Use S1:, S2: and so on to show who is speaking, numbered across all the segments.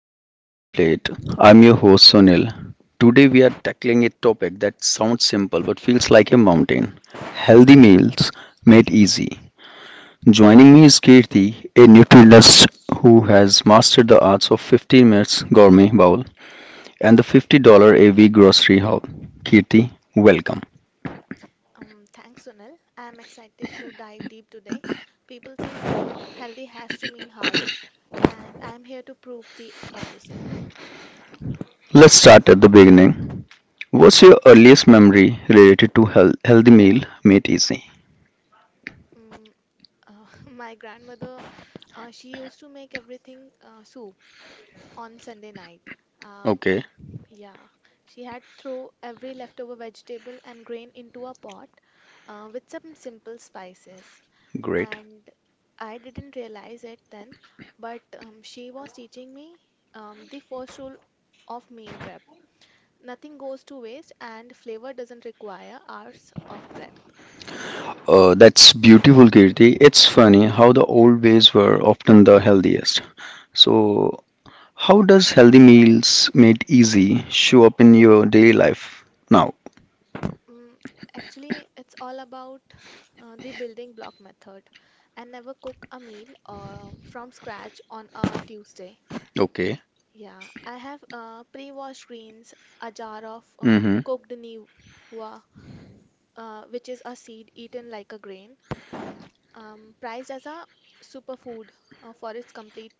S1: back to the Daily Plate. I'm your host Sunil. Today we are tackling a topic that sounds simple but feels like a mountain healthy meals made easy. Joining me is Kirti, a nutritionist who has mastered the arts of 15 minutes gourmet bowl and the $50 a week grocery haul. Kirti, welcome.
S2: Thanks, Sunil. I'm excited to dive deep today. People think healthy has to mean hard, and I'm here to prove the opposite.
S1: Let's start at the beginning. What's your earliest memory related to health, healthy meal made easy?
S2: Mm, my grandmother, she used to make everything soup on Sunday night. Um,
S1: Okay,
S2: yeah, she had throw every leftover vegetable and grain into a pot with some simple spices.
S1: great.
S2: And I didn't realize it then, but she was teaching me the first rule of meal prep. Nothing goes to waste, and flavor doesn't require hours of prep.
S1: That's beautiful, Kirti. It's funny how the old ways were often the healthiest. So, how does healthy meals made easy show up in your daily life now?
S2: Mm, actually, it's all about the building block method. I never cook a meal from scratch on a Tuesday.
S1: Okay.
S2: Yeah, I have pre-washed greens, a jar of
S1: Mm-hmm.
S2: cooked niwa, which is a seed eaten like a grain, prized as a superfood for its complete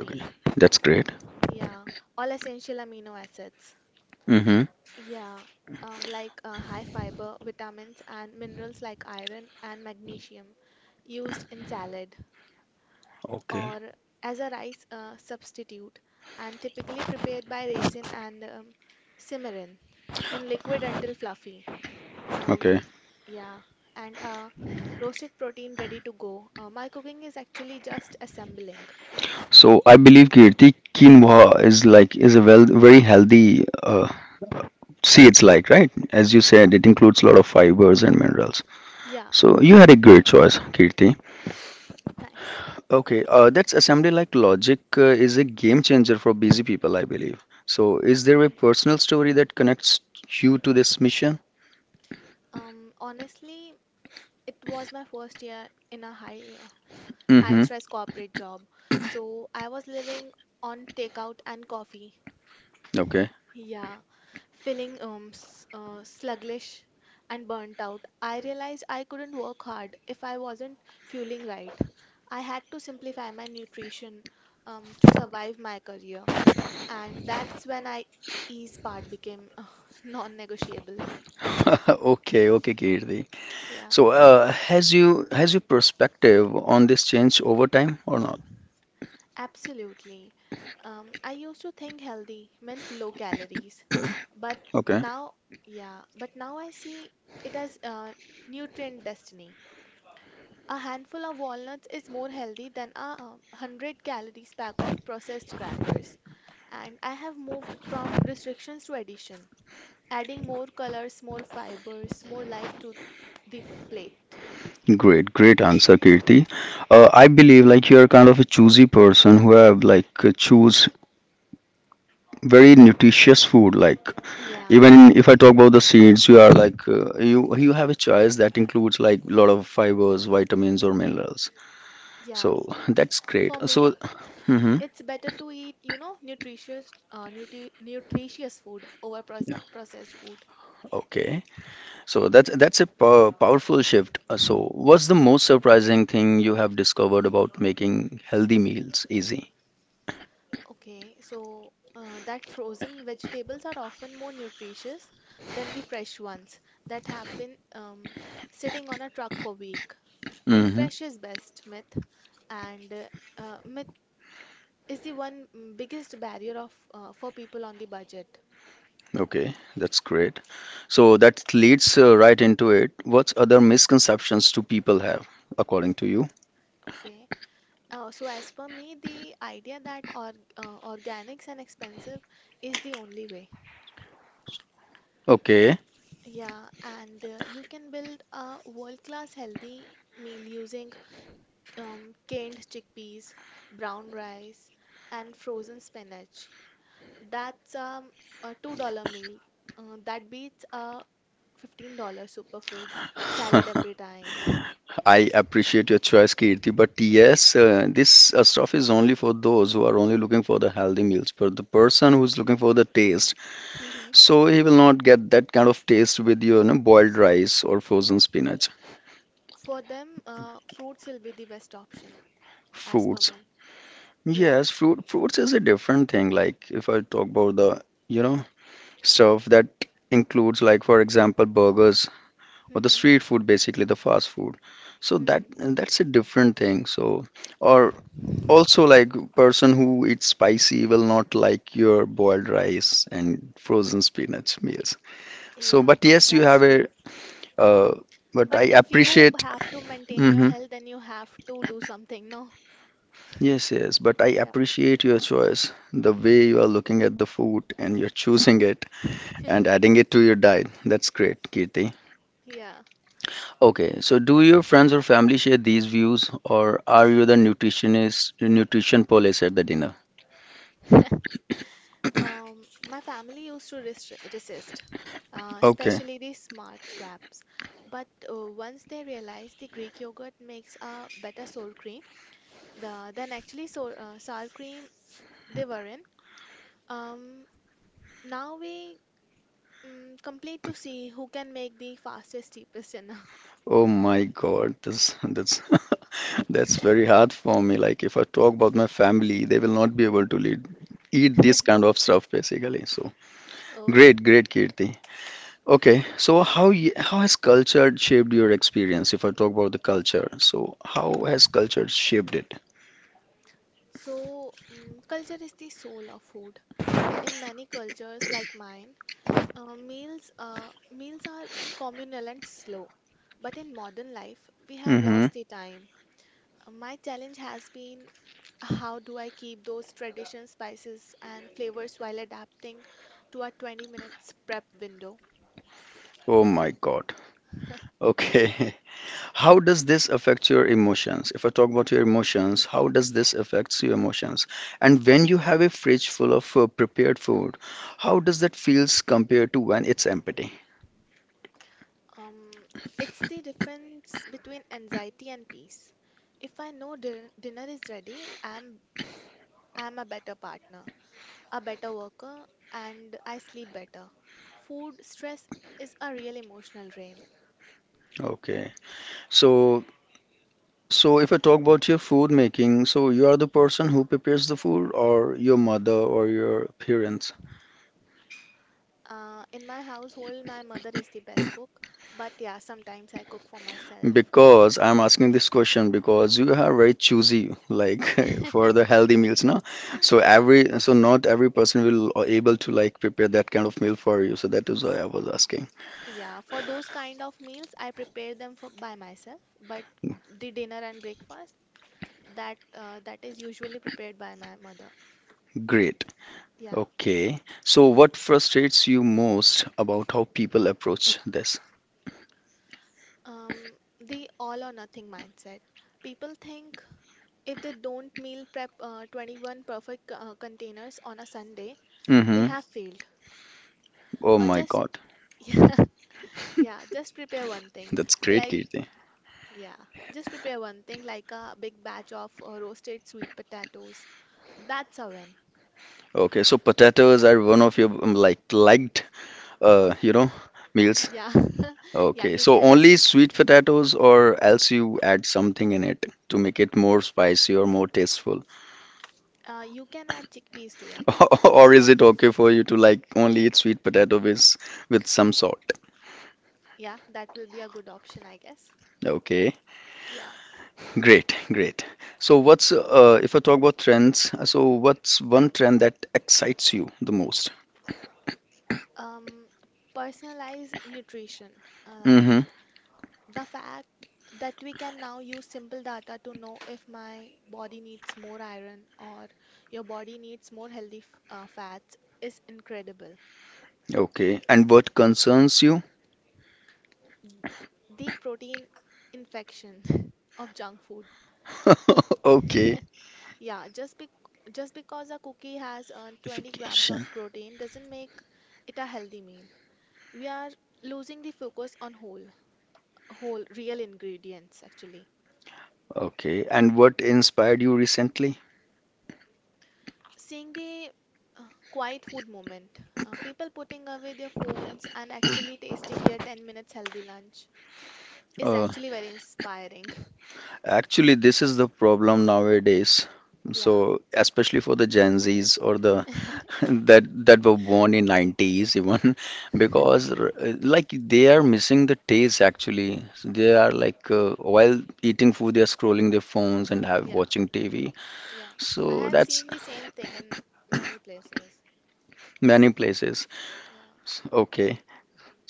S1: Okay. That's great.
S2: Yeah, all essential amino acids.
S1: Mm-hmm.
S2: Yeah, like high fiber, vitamins, and minerals like iron and magnesium used in salad
S1: Okay.
S2: or as a rice substitute, and typically prepared by raisin and cimarron in liquid until fluffy. Um,
S1: Okay.
S2: yeah, and roasted protein ready to go. My cooking is actually just assembling.
S1: So I believe Kirti quinoa is a well very healthy seeds like right as you said it includes a lot of fibers and minerals.
S2: Yeah,
S1: So
S2: it
S1: you had
S2: is.
S1: a great choice, Kirti.
S2: Thanks.
S1: Okay, that's assembly like logic is a game changer for busy people, I believe. So, is there a personal story that connects you to this mission?
S2: Honestly, it was my first year in a high
S1: Mm-hmm.
S2: stress corporate job. So I was living on takeout and coffee.
S1: Okay.
S2: Yeah, feeling s sluggish and burnt out. I realized I couldn't work hard if I wasn't fueling right. I had to simplify my nutrition to survive my career. And that's when I ease part became non-negotiable.
S1: Okay, okay, Kirti.
S2: Yeah,
S1: So, has your perspective on this changed over time or not?
S2: absolutely. I used to think healthy meant low calories, but
S1: Okay.
S2: now, now I see it as nutrient destiny. A handful of walnuts is more healthy than a 100 calories pack of processed crackers. And I have moved from restrictions to addition, adding more colors, more fibers, more life to the plate.
S1: Great, great answer, Kirti. I believe like you're kind of a choosy person who have like choose very nutritious food like.
S2: Yeah,
S1: Even
S2: I
S1: in, if I
S2: am.
S1: talk about the seeds, you are like uh, you have a choice that includes like a lot of fibers, vitamins, or minerals. So
S2: Yeah.
S1: that's great.
S2: For me,
S1: So mhm.
S2: it's better to eat, you know, nutritious, nutritious food over
S1: Yeah,
S2: processed food.
S1: okay. So that's a powerful shift. So what's the most surprising thing you have discovered about making healthy meals easy?
S2: Okay, so that frozen vegetables are often more nutritious than the fresh ones that have been sitting on a truck for week. The
S1: Hmm.
S2: fresh is best myth, and myth is the one biggest barrier of for people on the budget.
S1: Okay, that's great. So that leads right into it. What's other misconceptions do people have, according to you?
S2: Okay. So as per me, the idea that organics and expensive is the only way.
S1: Okay.
S2: Yeah, and you can build a world-class healthy meal using canned chickpeas, brown rice, and frozen spinach. That's a $2 meal. That beats a $15 superfood salad every time.
S1: I appreciate your choice, Kirti, but yes, this stuff is only for those who are only looking for the healthy meals. But the person who's looking for the taste,
S2: Mhm.
S1: so he will not get that kind of taste with your you know, boiled rice or frozen spinach.
S2: For them, fruits will be the best option, as per
S1: Fruits,
S2: me. Yeah.
S1: yes, fruits is a different thing. Like if I talk about the you know stuff that includes like for example burgers or the
S2: Hmm.
S1: street food, basically the fast food. So that
S2: Hmm.
S1: that's a different thing. So or. Also, like person who eats spicy will not like your boiled rice and frozen spinach meals. So,
S2: Yeah,
S1: but yes, you
S2: that's
S1: have a.
S2: true.
S1: Uh, but I
S2: But if you
S1: appreciate.
S2: have to maintain your
S1: Hmm.
S2: health, then you have to do something, no?
S1: Yes, yes. But I
S2: Yeah.
S1: appreciate your choice, the way you are looking at the food and you're choosing it and adding it to your diet. That's great, Kirti.
S2: Yeah.
S1: Okay, so do your friends or family share these views, or are you the nutritionist, nutrition police at the dinner?
S2: My family used to resist,
S1: Okay.
S2: especially the smart swaps. But once they realized the Greek yogurt makes a better sour cream, then actually sour cream, they were in. Um, now we compete to see who can make the fastest, cheapest dinner.
S1: Oh my God, that's that's that's very hard for me. Like if I talk about my family, they will not be able
S2: Hmm.
S1: to lead, eat this kind of stuff basically. So
S2: Oh,
S1: great, great, Kirti. Okay, so how has culture shaped your experience? If I talk about the culture, so how has culture shaped it?
S2: so culture is the soul of food. In many cultures like mine, meals are communal and slow, but in modern life, we have
S1: Mm-hmm.
S2: lost the time. My challenge has been how do I keep those traditional spices and flavors while adapting to a 20 minutes prep window?
S1: Oh my God. Okay. How does this affect your emotions? If I talk about your emotions, how does this affects your emotions? And when you have a fridge full of prepared food, how does that feels compared to when it's empty?
S2: Um, it's the difference between anxiety and peace. If I know dinner is ready, I'm a better partner, a better worker, and I sleep better. Food stress is a real emotional drain.
S1: Okay. So so if I talk about your food making, so you are the person who prepares the food or your mother or your parents?
S2: In my household, my mother is the best cook, but yeah, sometimes I cook for myself.
S1: Because I'm asking this question because you are very choosy, like for the healthy meals, now. So
S2: Yeah.
S1: every, so not every person will able to like prepare that kind of meal for you. So that is why
S2: S-
S1: I was asking.
S2: Yeah, for those kind of meals, I prepare them for by myself, but the dinner and breakfast that is usually prepared by my mother.
S1: Great.
S2: Yeah,
S1: Okay. So what frustrates you most about how people approach this?
S2: um, the all or nothing mindset. People think if they don't meal prep 21 perfect containers on a Sunday, they
S1: Mm-hmm.
S2: have failed.
S1: Oh my
S2: Just
S1: God,
S2: yeah, yeah, just prepare one thing.
S1: that's great,
S2: Like
S1: Kirti.
S2: yeah, just prepare one thing like a big batch of roasted sweet potatoes. That's a win.
S1: Okay, so potatoes are one of your like liked, you know, meals.
S2: Yeah. Yeah,
S1: Okay,
S2: you
S1: so
S2: can
S1: only
S2: say.
S1: sweet potatoes, or else you add something in it to make it more spicy or more tasteful?
S2: You can add chickpeas to it.
S1: Or is it okay for you to like only eat sweet potato with some salt?
S2: Yeah, that will be a good option, I guess.
S1: Okay,
S2: Yeah.
S1: great, great. So what's if I talk about trends, so what's one trend that excites you the most?
S2: Um, Personalized nutrition. Um,
S1: Mm-hmm.
S2: the fact that we can now use simple data to know if my body needs more iron or your body needs more healthy f fats is incredible.
S1: Okay, and what concerns you?
S2: The protein infection of junk food.
S1: Okay,
S2: Yeah, just because a cookie has 20 grams
S1: vacation.
S2: of protein doesn't make it a healthy meal. We are losing the focus on whole real ingredients actually.
S1: Okay, and what inspired you recently?
S2: Seeing the uh, quiet food moment, people putting away their phones and actually tasting their 10 minutes healthy lunch is
S1: Uh,
S2: actually very inspiring.
S1: Actually, this is the problem nowadays.
S2: Yeah.
S1: So, especially for the Gen Zs or the that were born in 90s even because like they are missing the taste actually. So they are like while eating food they are scrolling their phones and have
S2: Yeah,
S1: watching TV.
S2: yeah. I
S1: So
S2: have
S1: that's
S2: seen the same thing in many places.
S1: many places.
S2: Yeah.
S1: Okay.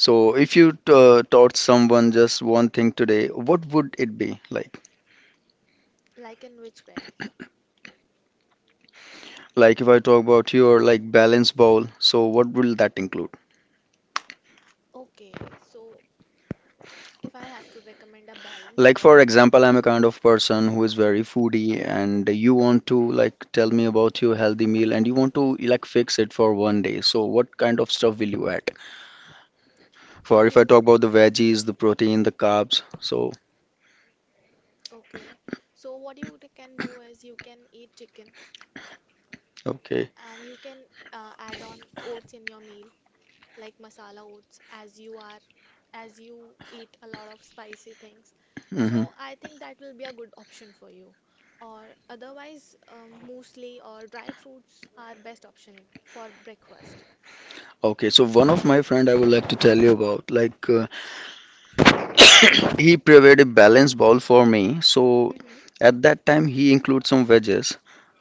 S1: So if you taught someone just one thing today, what would it be like?
S2: Like in which way?
S1: Like if I talk about your like balance bowl, so what will that include?
S2: Okay, so if I have to recommend a balanced
S1: Like
S2: bowl,
S1: for example, I'm a kind of person who is very foodie and you want to like tell me about your healthy meal and you want to like fix it for one day. So what kind of stuff will you add? For
S2: if
S1: if I
S2: you
S1: talk about the veggies, the protein, the carbs, so
S2: okay, so what you can do is you can eat chicken
S1: okay.
S2: and you can add on oats in your meal, like masala oats, as you are as you eat a lot of spicy things, so
S1: Hmm.
S2: I think that will be a good option for you, or otherwise, muesli or dry fruits are best option for breakfast.
S1: Okay, so one of my friend I would like to tell you about like he prepared a balanced bowl for me. So
S2: Hmm.
S1: at that time, he includes some veggies,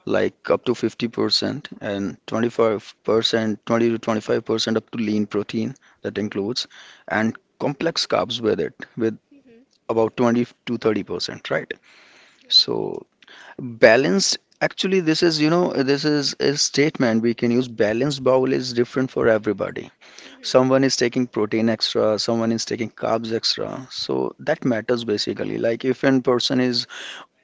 S1: like up to 50% and 25%, 20 to 25% up to lean protein that
S2: Hmm. Hmm.
S1: includes, and complex carbs with it, with
S2: Hmm.
S1: about 20 to 30%, right?
S2: Hmm.
S1: So balanced. Actually, this is, you know, this is a statement we can use. Balanced bowl is different for everybody,
S2: Mhm.
S1: someone is taking protein extra, someone is taking carbs extra, so that matters basically. Like if a person is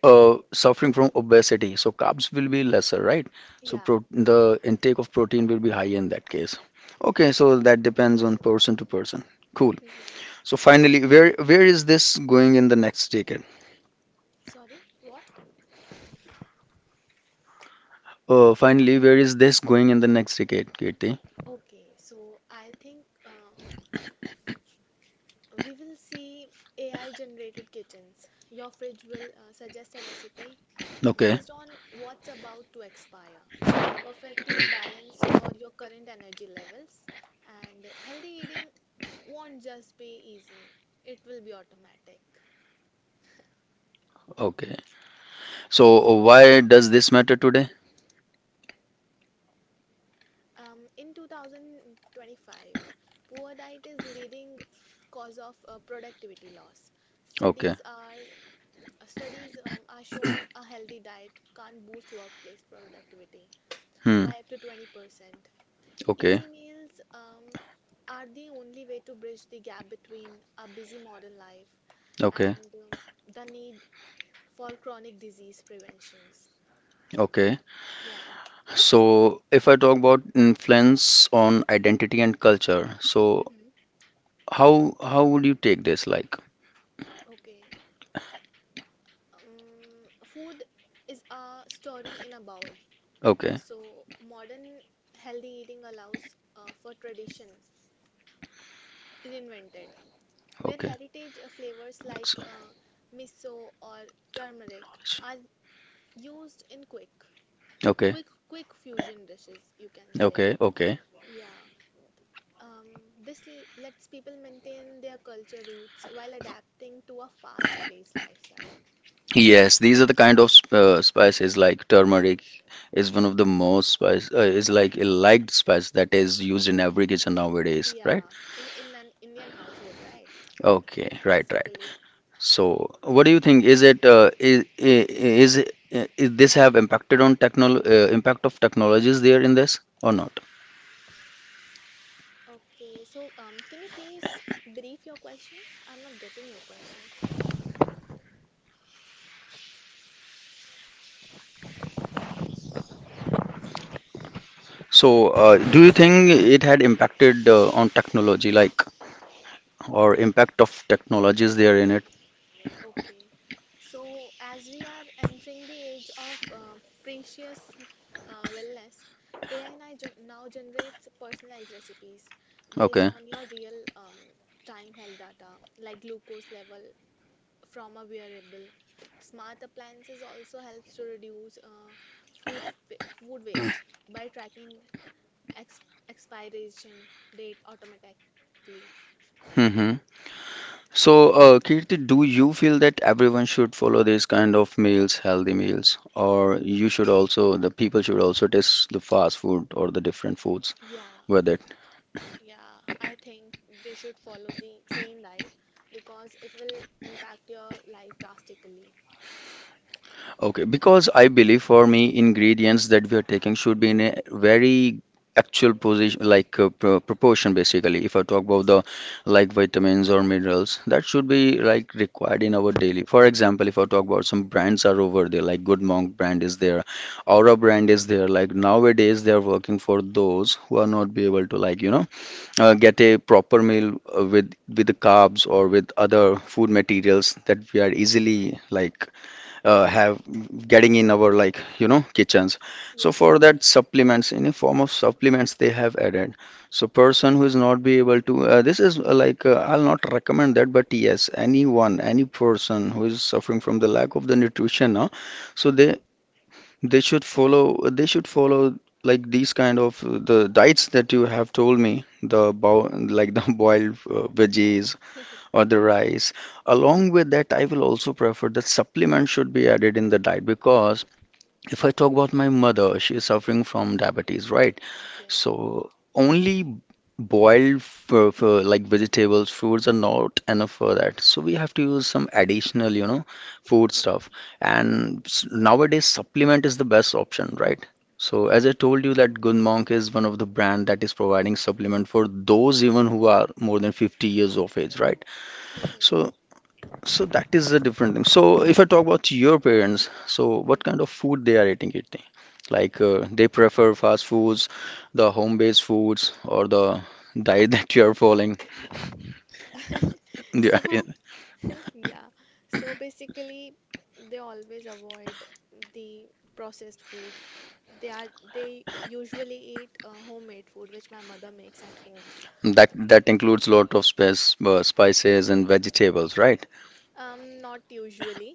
S1: suffering from obesity, so carbs will be lesser, right? So
S2: Yeah.
S1: the intake of protein will be high in that case. Okay,
S2: Yes, you're
S1: so
S2: right.
S1: that depends on person to person. Cool.
S2: Mhm.
S1: So finally, where is this going in the next decade?
S2: Sorry, what?
S1: Finally, where is this going in the next decade, Kirti?
S2: Okay, so I think we will see AI generated kitchens. Your fridge will suggest a recipe
S1: Okay,
S2: based on what's about to expire, perfectly balanced for your current energy levels. And healthy eating won't just be easy, it will be automatic.
S1: okay. So why does this matter today?
S2: In 2025, poor diet is leading cause of productivity loss.
S1: Okay.
S2: Studies are studies are shown a healthy diet can't boost workplace productivity by
S1: Hmm.
S2: up to 20%. Easy
S1: Okay,
S2: meals are the only way to bridge the gap between a busy modern life
S1: okay,
S2: and the need for chronic disease preventions.
S1: okay.
S2: Yeah.
S1: So, if I talk about influence on identity and culture, so
S2: Mhm.
S1: how would you take this? Like,
S2: Okay. Food is a story in a bowl.
S1: okay,
S2: So modern healthy eating allows for tradition reinvented, where
S1: okay,
S2: heritage flavors like miso or turmeric are used in quick
S1: okay,
S2: quick quick fusion dishes, you can say.
S1: okay, okay.
S2: yeah um, this lets people maintain their culture roots while adapting to a fast paced lifestyle.
S1: Yes, these are the kind of spices like turmeric is one of the most spice is like a liked spice that is used in every kitchen nowadays, right?
S2: Yeah, in an Indian household, right?
S1: Okay, right, right.
S2: Basically. Yeah.
S1: So, what do you think? Is it is this have impacted on technol impact of technologies there in this or not?
S2: Okay, so can you please brief your question? I'm not getting your question.
S1: So, do you think it had impacted on technology, like, or
S2: Okay.
S1: impact of technologies there in it?
S2: Okay, so as we are entering the age of precious wellness, AI now generates personalized recipes based
S1: Okay.
S2: on your real time health data, like glucose level from a wearable. Smart appliances also helps to reduce food food waste by tracking ex expiration date automatically.
S1: Hmm. So, Kirti, do you feel that everyone should follow this kind of meals, healthy meals, or you should also, the people should also test the fast food or the different foods,
S2: Yeah,
S1: whether.
S2: yeah, I think they should follow the clean diet because it will impact your life drastically.
S1: Okay, because I believe for me, ingredients that we are taking should be in a very actual position, like proportion basically. If I talk about
S2: Mhm.
S1: the like vitamins or minerals, that should be like required in our daily. For example, if I talk about some brands are over there, like Good Monk brand is there, Aura
S2: Mhm.
S1: brand is there. Like nowadays, they are working for those who are not be able to like you know get a proper meal with the carbs or with other food materials that we are easily like
S2: Mhm.
S1: have getting in our like you know kitchens, so
S2: Yeah.
S1: for that supplements, any form of supplements they have added. So person who is not be able to this is like I'll not recommend that, but yes, anyone, any person who is suffering from the lack of the nutrition so
S2: Uh-huh.
S1: they should follow, they should follow like these kind of the diets that you have told me, the bo like the boiled veggies or the rice. Along with that, I will also prefer that supplement should be added in the diet, because if I talk about my mother, she is suffering from diabetes, right?
S2: Okay.
S1: So only boiled for like vegetables, fruits are not enough for that. So we have to use some additional, you know, food stuff. And nowadays, supplement is the best option, right? So as I
S2: Okay.
S1: told you that Good Monk is one of the brand that is providing supplement for those even who are more than 50 years of age, right?
S2: Mhm.
S1: So so that is a different thing. So if I talk about your parents, so
S2: Mhm.
S1: what kind of food they are eating? Like they prefer fast foods, the home-based foods, or the diet that you are following. They are
S2: So,
S1: in,
S2: yeah. So basically, they always avoid the processed food. They are they usually eat homemade food, which my mother makes at home.
S1: that that includes lot of spices and vegetables, right?
S2: Not usually,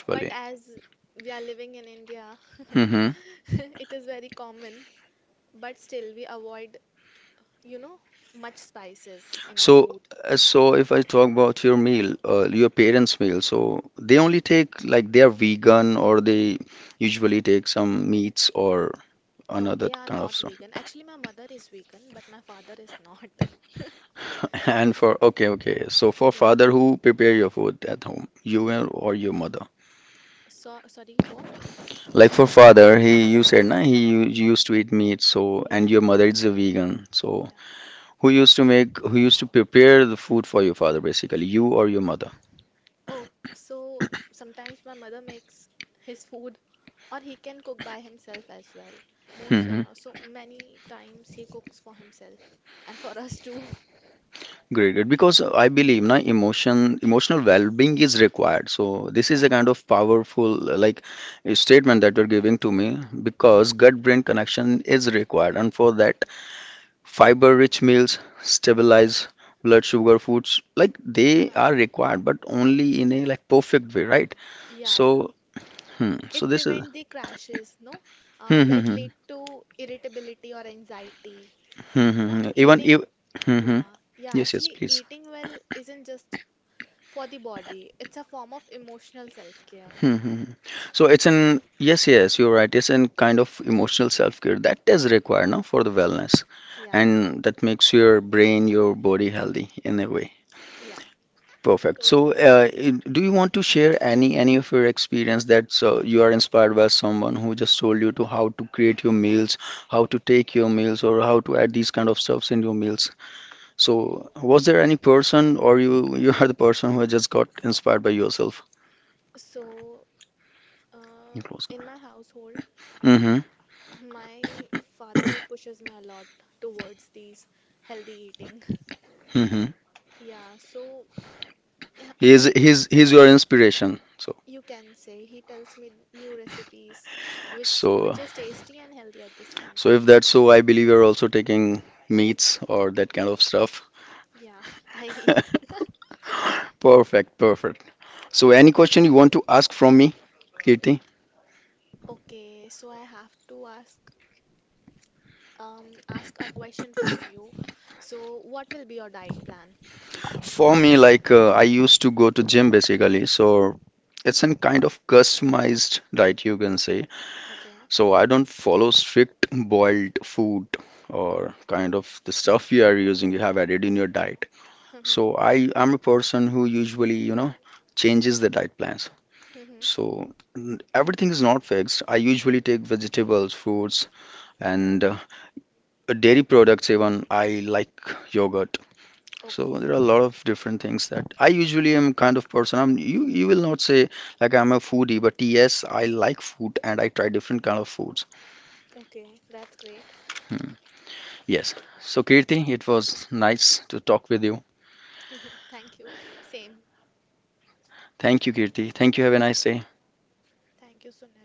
S2: but as we are living in India,
S1: Hmm.
S2: it is very common. But still, we avoid, you know, much spices in our
S1: So
S2: food.
S1: so if I talk about your meal, your parents' meal, so they only take like they are vegan or they usually take some meats or
S2: No, they
S1: another
S2: are
S1: kind
S2: not
S1: of stuff.
S2: vegan. Actually, my mother is vegan, but my father is not.
S1: And for okay, okay. So for
S2: Yeah.
S1: father who prepare your food at home, you or your mother.
S2: So, sorry, what?
S1: Like for father, he you
S2: Okay,
S1: said na
S2: okay.
S1: he used to eat meat. So
S2: Yeah,
S1: and your mother is a vegan. So
S2: yeah.
S1: who used to make who used to prepare the food for your father basically, you or your mother.
S2: Oh, so sometimes my mother makes his food, or he can cook by himself as well. Most
S1: Hmm.
S2: So many times he cooks for himself and for us too.
S1: Great, great. Because I believe na emotional well-being is required. So this is a
S2: Yeah.
S1: kind of powerful like a statement that you're giving to me,
S2: Mhm.
S1: because gut-brain connection is required, and for that fiber-rich meals stabilize blood sugar foods. Like they
S2: Huh.
S1: are required, but only in a like perfect way, right?
S2: Yeah, yeah.
S1: So, hmm,
S2: It
S1: so this is
S2: prevent the crashes, no,
S1: hmm,
S2: that
S1: hmm,
S2: lead
S1: hmm,
S2: to irritability or anxiety.
S1: hmm,
S2: You
S1: hmm,
S2: know,
S1: hmm. Even
S2: eating,
S1: if hmm, hmm.
S2: yeah,
S1: Yes, yes,
S2: Actually,
S1: please.
S2: eating well isn't just for the body, it's a form of emotional self-care.
S1: Hmm, hmm, hmm. So it's an yes, yes, you're right. It's an kind of emotional self-care that is required now for the wellness,
S2: Yeah,
S1: and that makes your brain, your body healthy in a way.
S2: yeah,
S1: Perfect. So,
S2: totally.
S1: do you want to share any of your experience that you are inspired by someone who just told you to how to create your meals, how to take your meals, or how to add these kind of stuffs in your meals? So, was there any person, or you you are the person who just got inspired by yourself?
S2: So, uh, in
S1: Mm-hmm.
S2: my household, my father pushes me a lot towards these healthy eating.
S1: Mm-hmm.
S2: Yeah, so yeah,
S1: He's
S2: he
S1: he's he's your inspiration. So
S2: You can say he tells me new recipes, which
S1: so
S2: is tasty and healthy at the same
S1: so
S2: time.
S1: if that's so, I believe you're also taking meats or that kind of stuff.
S2: Yeah, I eat.
S1: Perfect. Perfect. So, any question you want to ask from me, Kirti?
S2: Okay, so I have to ask a question from you. So what will be your diet plan?
S1: For me, like I used to go to gym basically, so it's an kind of customized diet you can say.
S2: Okay.
S1: So I don't follow strict boiled food or kind of the stuff you are using, you have added in your diet.
S2: Mhm.
S1: So I am a person who usually, you know, changes the diet plans.
S2: Mhm.
S1: So everything is not fixed. I usually take vegetables, fruits, and dairy products even. I like yogurt. So
S2: Okay.
S1: there are a lot of different things that I usually am kind of person. I'm you will not say like I'm a foodie, but yes, I like food and I try different kind of foods.
S2: Okay. That's great.
S1: Hmm. Yes. So Kirti, it was nice to talk with you.
S2: Thank you. Same.
S1: Thank you, Kirti. Thank you. Have a nice day.
S2: Thank you, Sunil.